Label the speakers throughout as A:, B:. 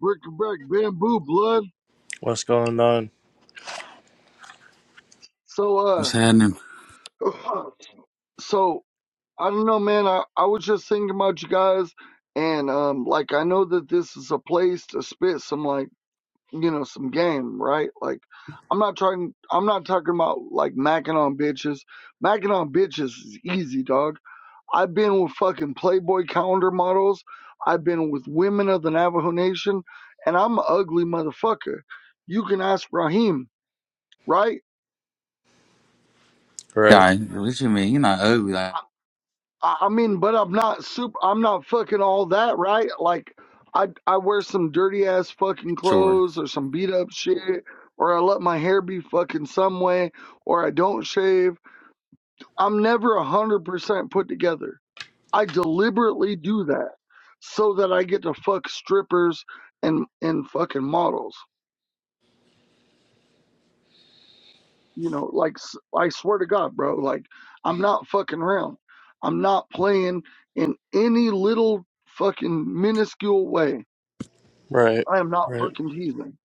A: brick brick bamboo blood.
B: What's going on?
A: So
C: What's
A: uh
C: happening,
A: so I don't know man, I, I was just thinking about you guys and um like I know that this is a place to spit some like you know, some game, right? Like I'm not trying I'm not talking about like macking on bitches. Macking on bitches is easy, dog. I've been with fucking Playboy calendar models, I've been with women of the Navajo Nation, and I'm an ugly motherfucker. You can ask Raheem, right?
B: Right,
C: guy? What you mean? You're not ugly, like
A: I I mean, but I'm not super. I'm not fucking all that, right? Like, I I wear some dirty ass fucking
C: sure.
A: clothes or some beat up shit, or I let my hair be fucking some way, or I don't shave. I'm never a hundred percent put together. I deliberately do that so that I get to fuck strippers and and fucking models. you know like I swear to god bro like i'm not fucking around i'm not playing in any little fucking minuscule way
B: right,
A: i am not
B: right.
A: fucking teasing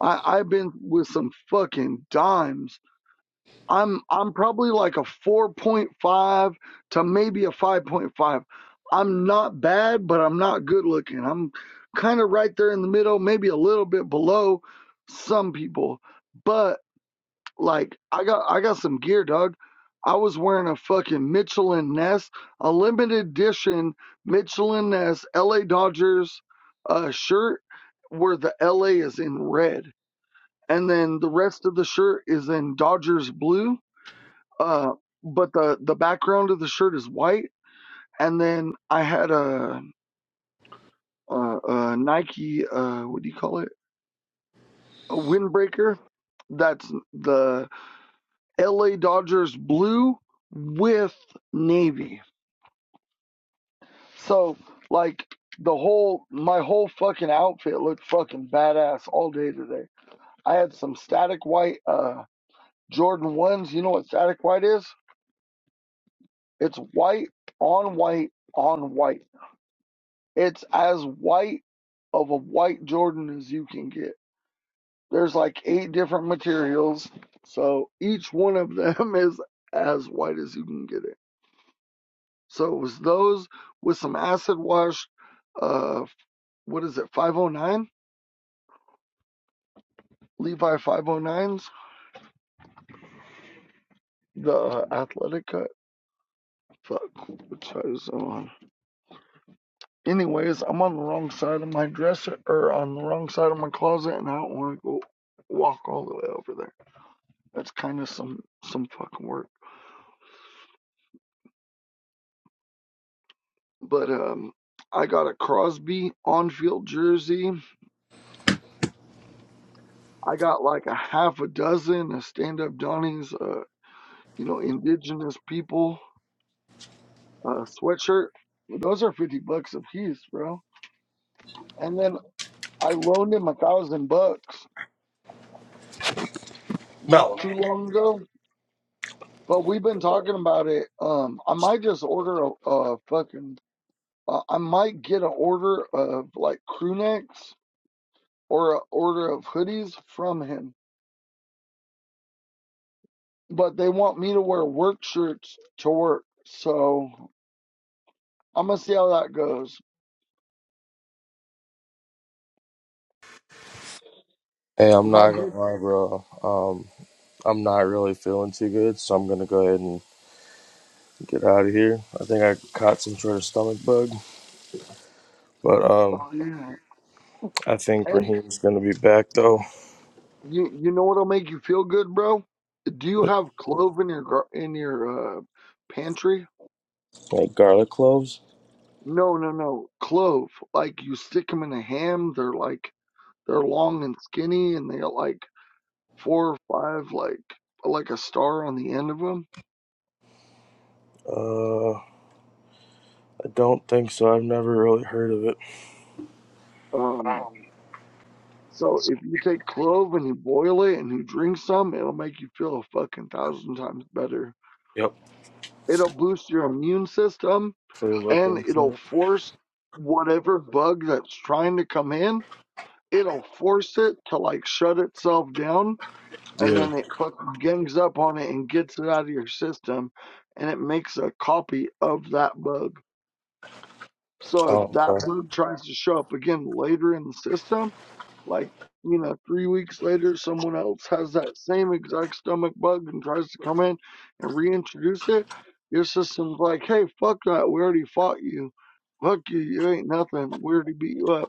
A: i i've been with some fucking dimes i'm i'm probably like a 4.5 to maybe a 5.5 i'm not bad but i'm not good looking i'm kind of right there in the middle maybe a little bit below some people but like I got I got some gear, dog. I was wearing a fucking Michelin Ness, a limited edition Michelin Ness LA Dodgers uh, shirt where the LA is in red, and then the rest of the shirt is in Dodgers blue. Uh, but the the background of the shirt is white, and then I had a a, a Nike uh, what do you call it? A windbreaker. That's the LA Dodgers blue with navy. So like the whole my whole fucking outfit looked fucking badass all day today. I had some static white uh Jordan ones. You know what static white is? It's white on white on white. It's as white of a white Jordan as you can get. There's like eight different materials, so each one of them is as white as you can get it. So it was those with some acid wash, uh, what is it, 509? Levi 509s, the uh, athletic cut. Fuck, which side is it on? Anyways, I'm on the wrong side of my dresser, or on the wrong side of my closet, and I don't want to go walk all the way over there. That's kind of some some fucking work. But um, I got a Crosby on-field jersey. I got like a half a dozen of stand-up Donnies, uh, you know, indigenous people uh, sweatshirt. Those are fifty bucks a piece, bro. And then I loaned him a thousand bucks not
B: Mellow.
A: too long ago. But we've been talking about it. Um, I might just order a, a fucking. Uh, I might get an order of like crew necks or an order of hoodies from him. But they want me to wear work shirts to work, so I'm gonna see how that goes.
B: Hey, I'm
A: My
B: not
A: dude.
B: gonna lie, bro. Um, I'm not really feeling too good, so I'm gonna go ahead and get out of here. I think I caught some sort of stomach bug, but um,
A: Oh yeah.
B: I think
A: Hey.
B: Raheem's gonna be back though.
A: You you know what'll make you feel good, bro? Do you have clove in your gar- in your uh, pantry?
B: Like garlic cloves?
A: No, no, no. Clove. Like you stick them in a ham. They're like they're long and skinny, and they got like four or five like like a star on the end of them.
B: Uh, I don't think so. I've never really heard of it.
A: Um. So if you take clove and you boil it and you drink some, it'll make you feel a fucking thousand times better.
B: Yep.
A: It'll boost your immune system
B: Hopefully look
A: and
B: into
A: it'll
B: it.
A: force whatever bug that's trying to come in it'll force it to like shut itself down and
B: Yeah.
A: then it fucking gangs up on it and gets it out of your system and it makes a copy of that bug. So if
B: Oh,
A: that
B: okay.
A: bug tries to show up again later in the system, like you know, three weeks later, someone else has that same exact stomach bug and tries to come in and reintroduce it. Your system's like, hey, fuck that. We already fought you. Fuck you. You ain't nothing. We already beat you up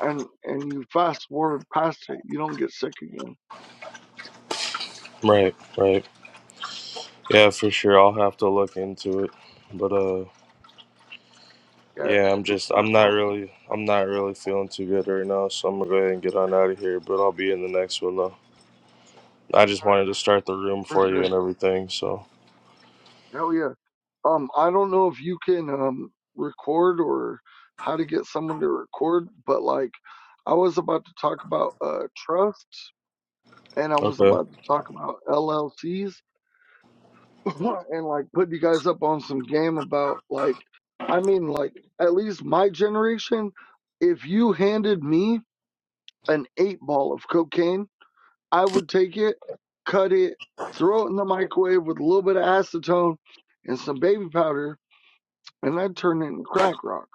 A: and and you fast forward past it, you don't get sick again.
B: Right, right. Yeah, for sure. I'll have to look into it. But uh.
A: Yeah,
B: Yeah, I'm
A: it's
B: just
A: uh,
B: I'm not
A: um,
B: really I'm not really feeling too good right now, so I'm gonna go ahead and get on out of here, but I'll be in the next one though. I just wanted to start the room
A: for
B: for you and
A: sure.
B: everything, so
A: Hell yeah. Um, I don't know if you can um record or how to get someone to record, but like I was about to talk about uh trusts and I was
B: Okay.
A: about to talk about LLCs and like put you guys up on some game about like I mean like at least my generation, if you handed me an eight ball of cocaine I would take it, cut it, throw it in the microwave with a little bit of acetone and some baby powder, and I'd turn it into crack rock.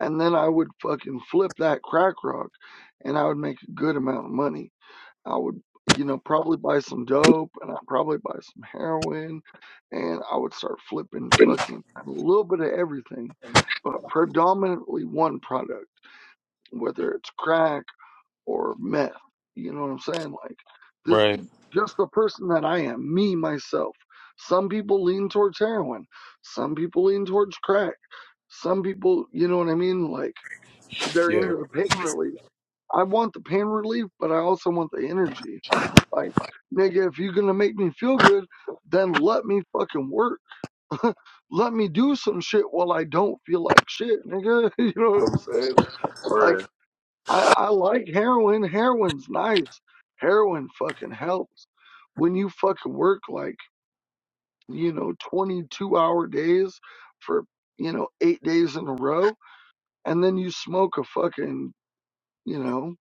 A: And then I would fucking flip that crack rock and I would make a good amount of money. I would, you know, probably buy some dope and I'd probably buy some heroin and I would start flipping fucking a little bit of everything, but predominantly one product, whether it's crack or meth. You know what I'm saying? Like this,
B: Right.
A: just the person that I am, me, myself. Some people lean towards heroin. Some people lean towards crack. Some people, you know what I mean? Like they're
B: Yeah.
A: into the pain relief. I want the pain relief, but I also want the energy. Like, nigga, if you're gonna make me feel good, then let me fucking work. Let me do some shit while I don't feel like shit, nigga. You know what I'm saying? Like,
B: Right.
A: I, I like heroin. Heroin's nice. Heroin fucking helps. When you fucking work like, you know, 22 hour days for, you know, eight days in a row, and then you smoke a fucking, you know,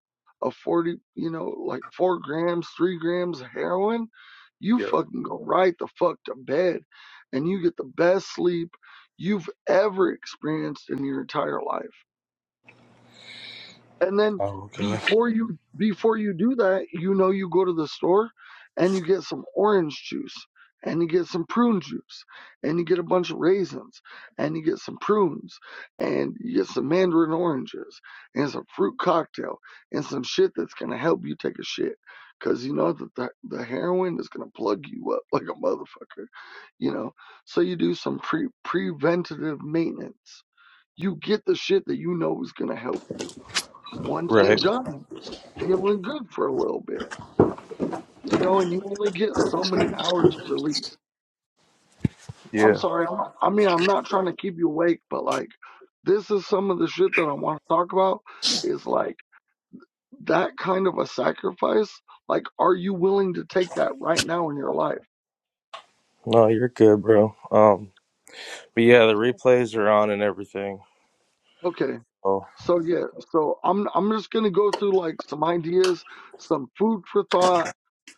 A: a 40, you know, like four grams, three grams of heroin, you
B: Yeah.
A: fucking go right the fuck to bed and you get the best sleep you've ever experienced in your entire life. and then
B: Oh okay.
A: before you before you do that you know you go to the store and you get some orange juice and you get some prune juice and you get a bunch of raisins and you get some prunes and you get some mandarin oranges and some fruit cocktail and some shit that's going to help you take a shit because you know that the, the heroin is going to plug you up like a motherfucker you know so you do some pre preventative maintenance you get the shit that you know is going to help you once you're
B: Right.
A: done feeling good for a little bit, you know, and you only get so many hours of relief. I'm
B: Yeah.
A: sorry. I'm not, I mean, I'm not trying to keep you awake, but like, this is some of the shit that I want to talk about is like that kind of a sacrifice. Like, are you willing to take that right now in your life?
B: No, you're good, bro. Um but yeah, the replays are on and everything.
A: Okay.
B: Oh.
A: So yeah, so I'm I'm just gonna go through like some ideas, some food for thought,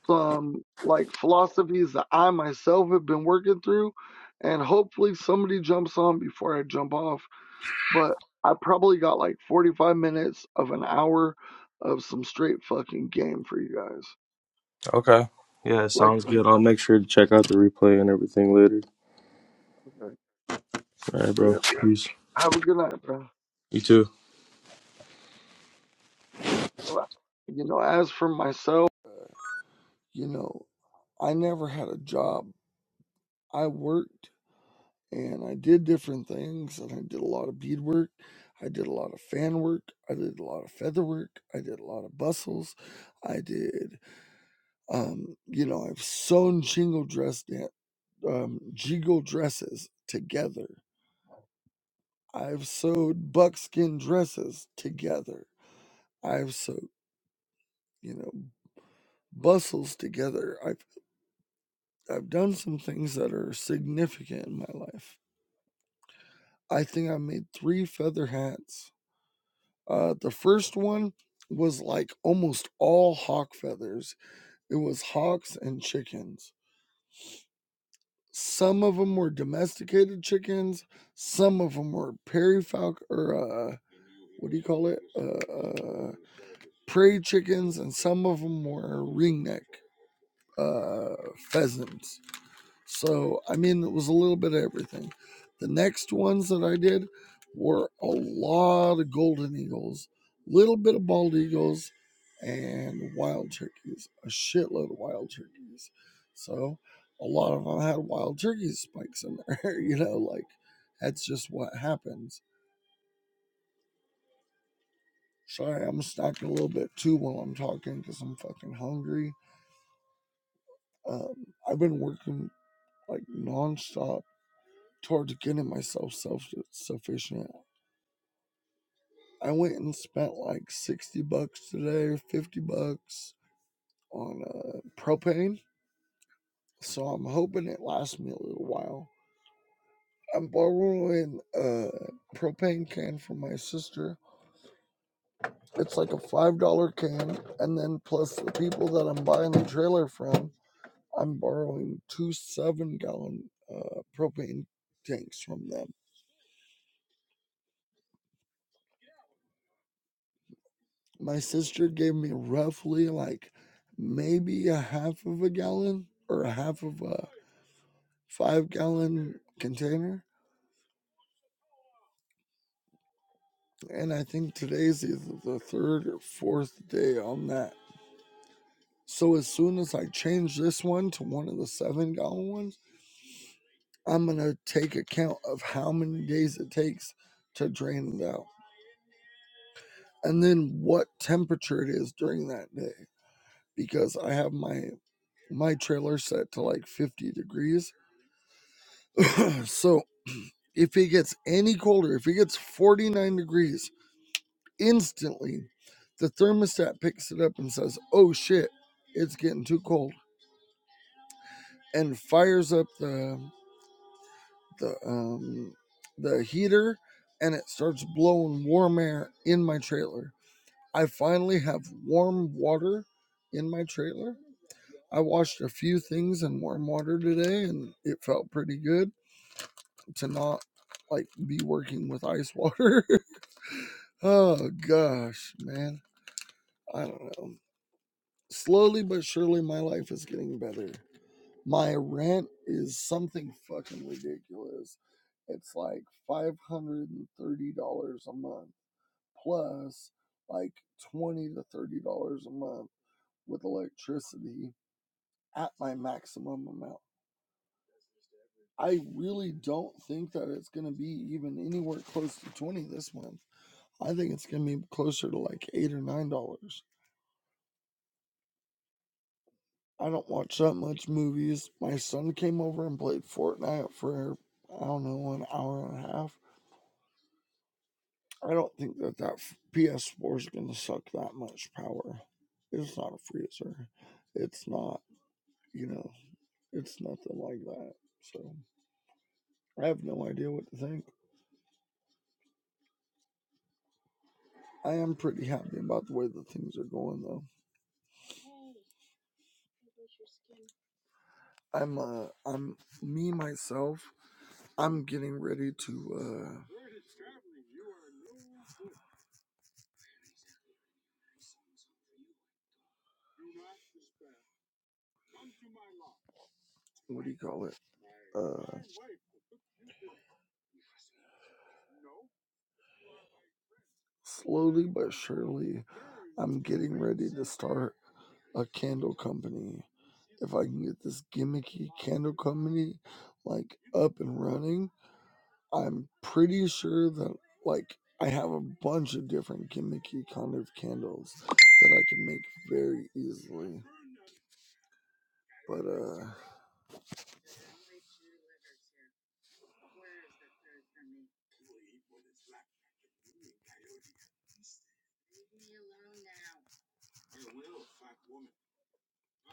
A: some like philosophies that I myself have been working through, and hopefully somebody jumps on before I jump off. But I probably got like 45 minutes of an hour of some straight fucking game for you guys.
B: Okay. Yeah,
A: Like,
B: sounds good. I'll make sure to check out the replay and everything later.
A: okay,
B: All right,
A: yeah.
B: bro. Peace.
A: Have a good night, bro.
B: You too.
A: Bye. You know, as for myself, you know, I never had a job. I worked. and I did different things and I did a lot of bead work. I did a lot of fan work. I did a lot of feather work. I did a lot of bustles. I did, um, you know, I've sewn jingle dress, da- um, jingle dresses together. I've sewed buckskin dresses together. I've sewed, you know, bustles together. I've, I've done some things that are significant in my life. I think I made three feather hats Uh, the first one was like almost all hawk feathers. It was hawks and chickens. Some of them were domesticated chickens. Some of them were prairie falcon or uh, what do you call it? Uh, uh, prairie chickens, and some of them were ringneck uh, pheasants. So, I mean, it was a little bit of everything. The next ones that I did were a lot of golden eagles, little bit of bald eagles, and wild turkeys, a shitload of wild turkeys. So, a lot of them had wild turkey spikes in there, you know, like that's just what happens. Sorry, I'm snacking a little bit too while I'm talking because I'm fucking hungry. Um, I've been working like nonstop towards getting myself self sufficient I went and spent like 60 bucks today or 50 bucks on uh, propane. So I'm hoping it lasts me a little while. I'm borrowing a propane can from my sister. It's like a $5 can. And then plus the people that I'm buying the trailer from, I'm borrowing two seven gallon uh, propane tanks from them. My sister gave me roughly like maybe a half of a gallon or a half of a five gallon container. And I think today's either the third or fourth day on that. So as soon as I change this one to one of the seven gallon ones, I'm gonna take account of how many days it takes to drain it out. And then what temperature it is during that day. Because I have my my trailer set to like 50 degrees. So if it gets any colder, if it gets 49 degrees Instantly, the thermostat picks it up and says, "Oh shit, it's getting too cold," and fires up the the um, the heater, and it starts blowing warm air in my trailer. I finally have warm water in my trailer. I washed a few things in warm water today, and it felt pretty good to not like be working with ice water. oh gosh, man, I don't know. slowly but surely my life is getting better. My rent is something fucking ridiculous. It's like five hundred and thirty dollars a month plus like twenty to thirty dollars a month with electricity at my maximum amount. I really don't think that it's gonna be even anywhere close to twenty this month. I think it's gonna be closer to like eight or nine dollars. I don't watch that much movies. My son came over and played Fortnite for I don't know an hour and a half. I don't think that that f- PS4 is going to suck that much power. It's not a freezer. It's not, you know, it's nothing like that. So I have no idea what to think. I am pretty happy about the way that things are going though. I'm uh I'm me myself. I'm getting ready to uh what do you call it? Uh slowly but surely I'm getting ready to start a candle company. If I can get this gimmicky candle company like up and running, I'm pretty sure that like I have a bunch of different gimmicky kind of candles that I can make very easily. But uh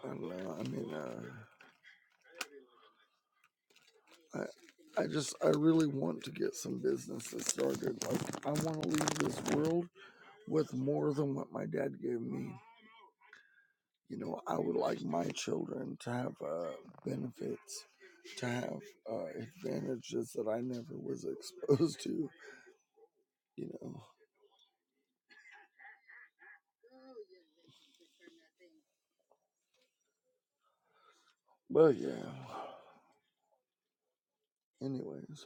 A: I don't know, I mean uh I I just I really want to get some businesses started. Like I wanna leave this world with more than what my dad gave me. you know, I would like my children to have uh, benefits, to have uh, advantages that I never was exposed to, you know. But yeah, anyways,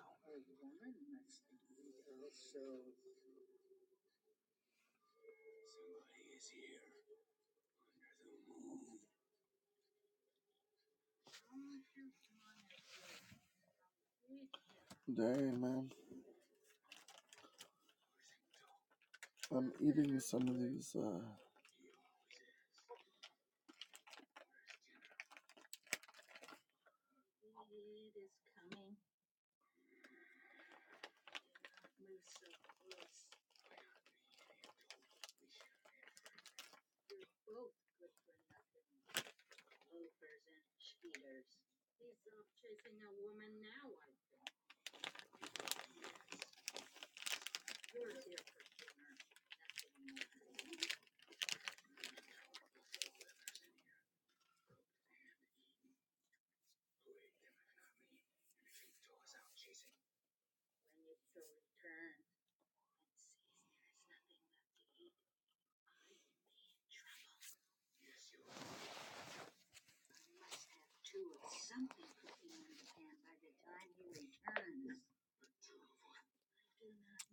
A: dang man, I'm eating some of these. Uh,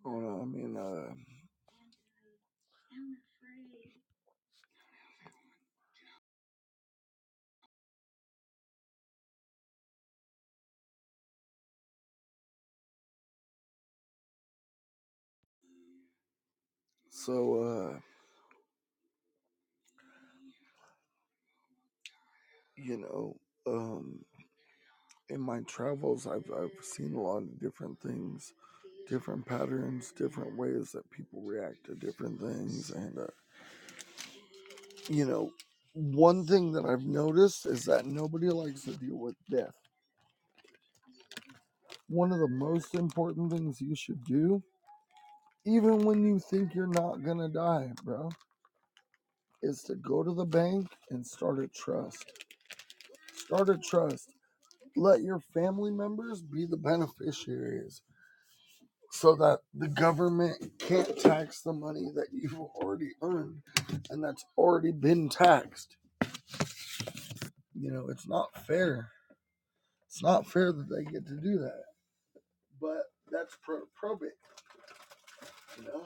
A: oh no, I mean, uh, so uh, you know, um, in my travels, I've I've seen a lot of different things, different patterns, different ways that people react to different things, and uh, you know, one thing that I've noticed is that nobody likes to deal with death. One of the most important things you should do, even when you think you're not gonna die, bro, is to go to the bank and start a trust. Start a trust. Let your family members be the beneficiaries so that the government can't tax the money that you've already earned and that's already been taxed. You know, it's not fair. It's not fair that they get to do that but that's pro- probate, you know.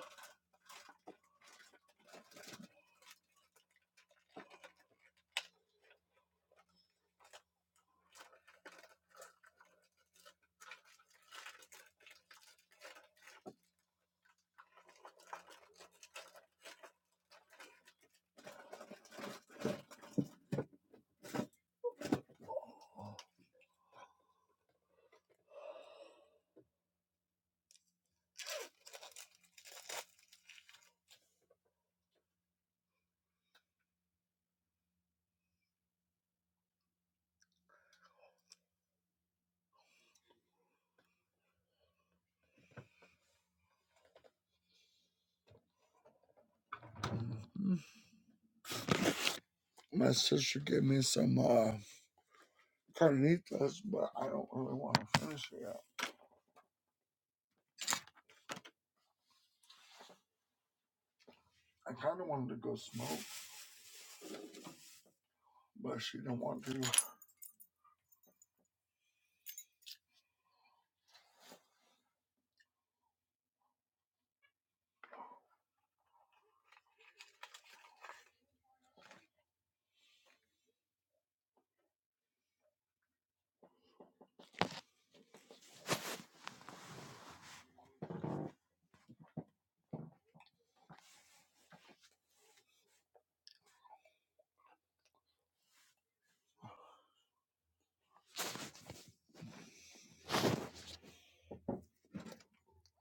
A: My sister gave me some uh, carnitas, but I don't really want to finish it yet. I kind of wanted to go smoke, but she didn't want to.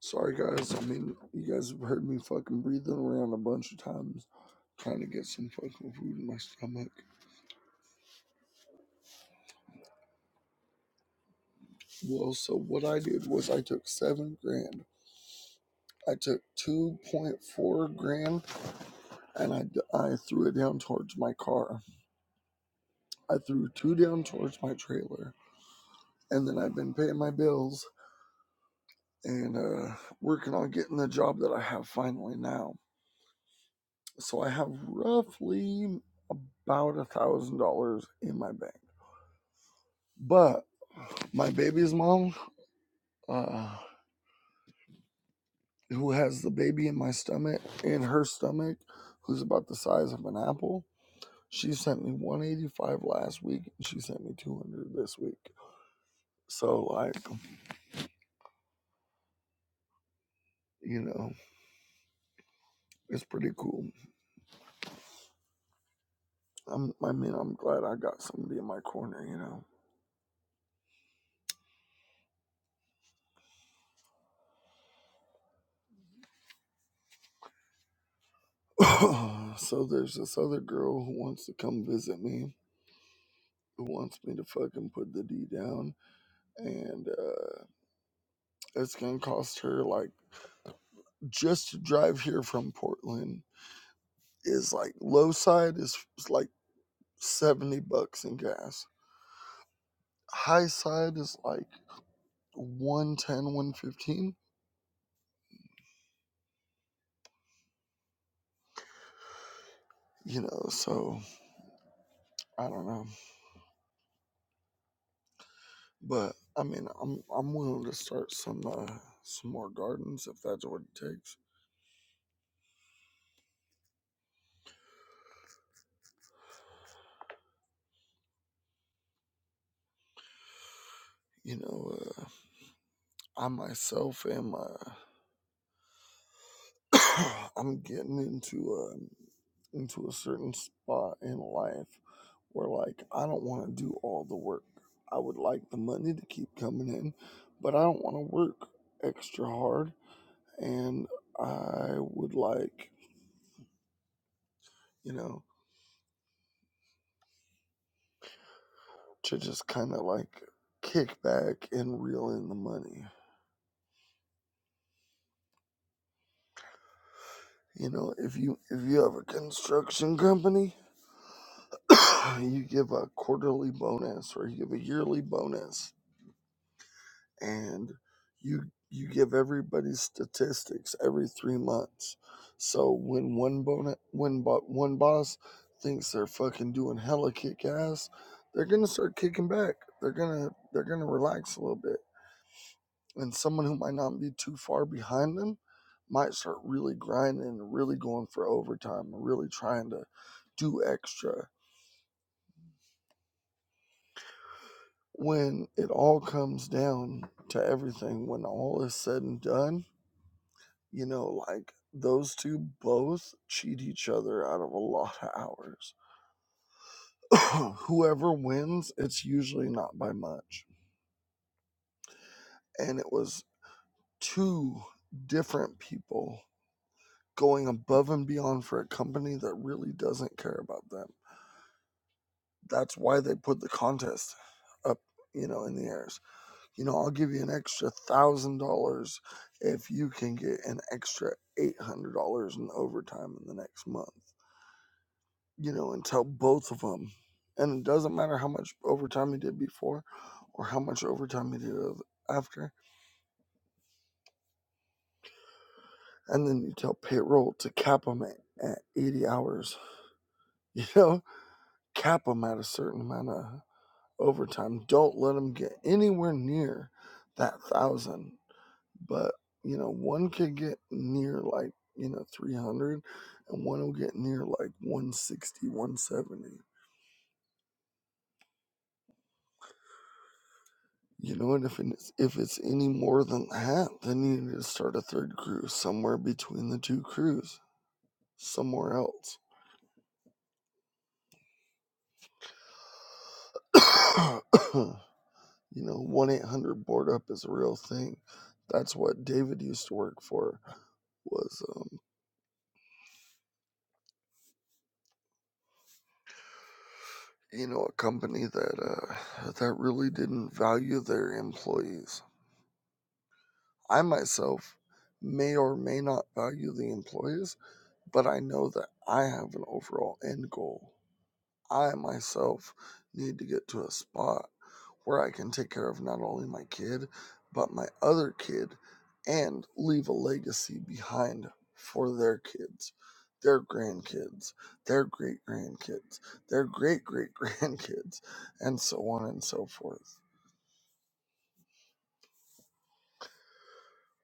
A: Sorry, guys. I mean, you guys have heard me fucking breathing around a bunch of times trying to get some fucking food in my stomach. Well, so what I did was I took seven grand. I took 2.4 grand and I, I threw it down towards my car. I threw two down towards my trailer and then I've been paying my bills and uh, working on getting the job that I have finally now. So I have roughly about a thousand dollars in my bank. But my baby's mom, uh, who has the baby in my stomach, in her stomach, who's about the size of an apple, she sent me 185 last week and she sent me 200 this week. So like, you know, it's pretty cool. I'm, I mean, I'm glad I got somebody in my corner, you know. so there's this other girl who wants to come visit me, who wants me to fucking put the D down, and uh, it's gonna cost her like just to drive here from Portland is like low side is, is like seventy bucks in gas, high side is like one ten, one fifteen. You know, so I don't know, but I mean, I'm I'm willing to start some uh, some more gardens if that's what it takes. You know, Uh, I myself am uh, I'm getting into a into a certain spot in life where like I don't want to do all the work. I would like the money to keep coming in, but I don't want to work extra hard and I would like, you know, to just kind of like kick back and reel in the money. You know, if you if you have a construction company, you give a quarterly bonus or you give a yearly bonus and you you give everybody statistics every three months. So when one bonus, when bo- one boss thinks they're fucking doing hella kick ass, they're gonna start kicking back. They're gonna they're gonna relax a little bit, and someone who might not be too far behind them might start really grinding, and really going for overtime, and really trying to do extra. When it all comes down to everything, when all is said and done, You know, like those two both cheat each other out of a lot of hours. Whoever wins, it's usually not by much. And it was two different people going above and beyond for a company that really doesn't care about them. That's why they put the contest up, you know, in the airs. You know, I'll give you an extra thousand dollars if you can get an extra eight hundred dollars in overtime in the next month. you know, and tell both of them. And it doesn't matter how much overtime you did before or how much overtime you did after. And then you tell payroll to cap them at, at 80 hours, you know, cap them at a certain amount of overtime. Don't let them get anywhere near that thousand. But, you know, one could get near like, you know, three hundred, and one will get near like one sixty, one seventy. You know, and if it's, if it's any more than that, then you need to start a third cruise somewhere between the two crews, somewhere else. you know, 1 800 board up is a real thing. That's what David used to work for, was, um, you know, a company that, uh, that really didn't value their employees. I myself may or may not value the employees, but I know that I have an overall end goal I myself need to get to a spot where I can take care of not only my kid, but my other kid and leave a legacy behind for their kids, their grandkids, their great grandkids, their great great grandkids, and so on and so forth.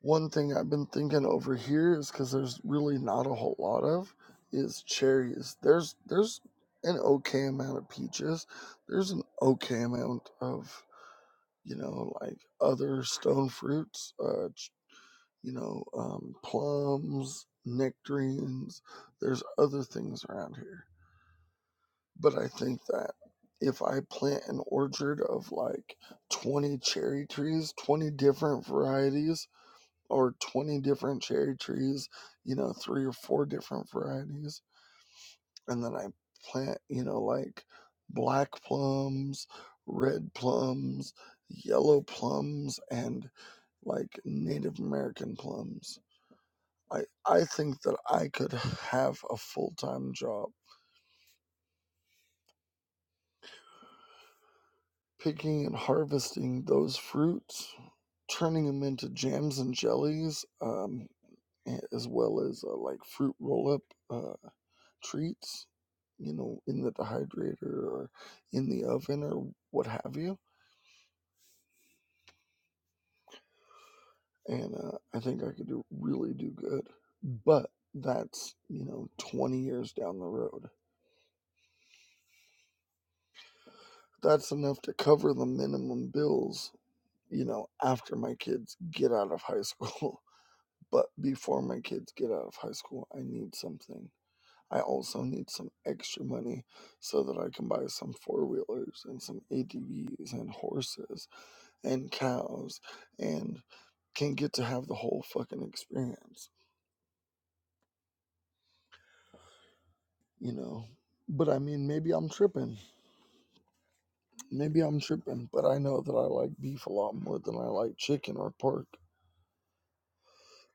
A: One thing I've been thinking over here is because there's really not a whole lot of is cherries. There's there's an okay amount of peaches. There's an okay amount of you know, like other stone fruits, uh, ch- you know, um, plums, nectarines. There's other things around here. But I think that if I plant an orchard of like 20 cherry trees, 20 different varieties, or 20 different cherry trees, you know, three or four different varieties, and then I plant, you know, like black plums, red plums, yellow plums, and like Native American plums. I, I think that I could have a full time job picking and harvesting those fruits, turning them into jams and jellies, um, as well as uh, like fruit roll up uh, treats, you know, in the dehydrator or in the oven or what have you. And uh, I think I could do, really do good. But that's, you know, 20 years down the road that's enough to cover the minimum bills, you know, after my kids get out of high school. But before my kids get out of high school, I need something. I also need some extra money so that I can buy some four wheelers and some ATVs and horses and cows and can get to have the whole fucking experience, you know. But I mean, maybe I'm tripping. Maybe I'm tripping, but I know that I like beef a lot more than I like chicken or pork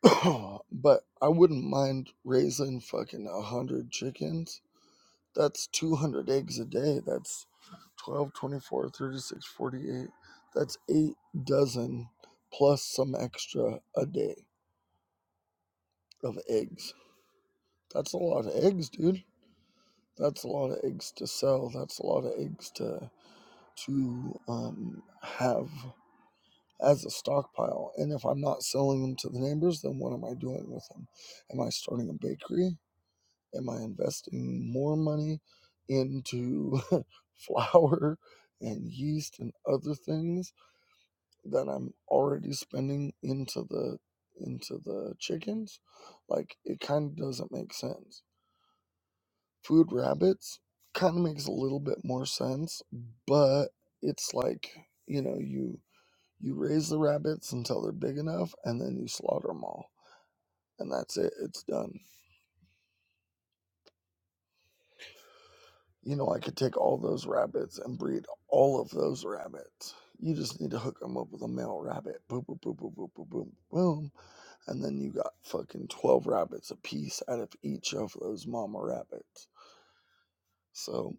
A: but I wouldn't mind raising fucking a hundred chickens. That's 200 eggs a day. That's 12, 24, 36, 48. That's eight dozen plus some extra a day of eggs. That's a lot of eggs, dude. That's a lot of eggs to sell. That's a lot of eggs to to um, have as a stockpile. And if I'm not selling them to the neighbors, then what am I doing with them? Am I starting a bakery? Am I investing more money into flour and yeast and other things that I'm already spending into the into the chickens? Like it kind of doesn't make sense. Food rabbits kind of makes a little bit more sense, but it's like, you know, you you raise the rabbits until they're big enough and then you slaughter them all and that's it. It's done You know, I could take all those rabbits and breed all of those rabbits. You just need to hook them up with a male rabbit. Boom, boom, boom, boom, boom, boom, boom, boom. And then you got fucking 12 rabbits a piece out of each of those mama rabbits. So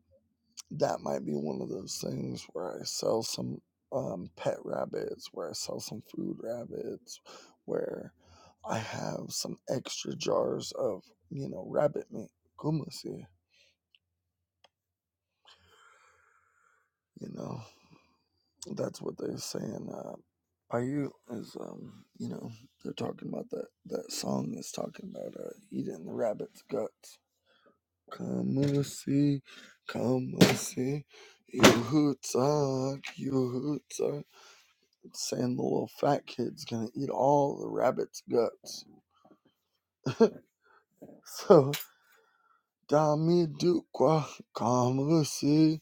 A: that might be one of those things where I sell some um, pet rabbits, where I sell some food rabbits, where I have some extra jars of, you know, rabbit meat. Kumasi, you know, that's what they say in uh, Are you is um you know they're talking about that that song is talking about uh eating the rabbit's guts. Come and see, come and see, you hootsuck, you hootsuck. It's saying the little fat kid's gonna eat all the rabbit's guts. So dami dukwa, come and see,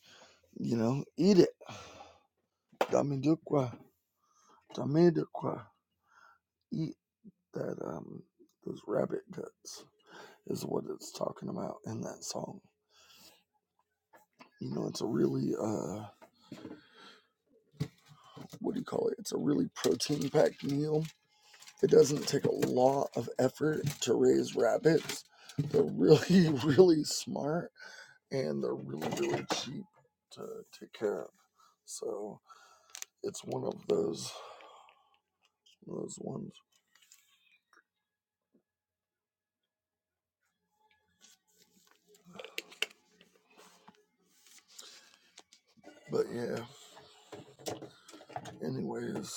A: you know, eat it. Dami dukwa, dami dukwa, eat that um those rabbit guts. is what it's talking about in that song. You know, it's a really uh what do you call it? It's a really protein packed meal. It doesn't take a lot of effort to raise rabbits. They're really, really smart and they're really, really cheap to take care of. So it's one of those those ones. But yeah, anyways,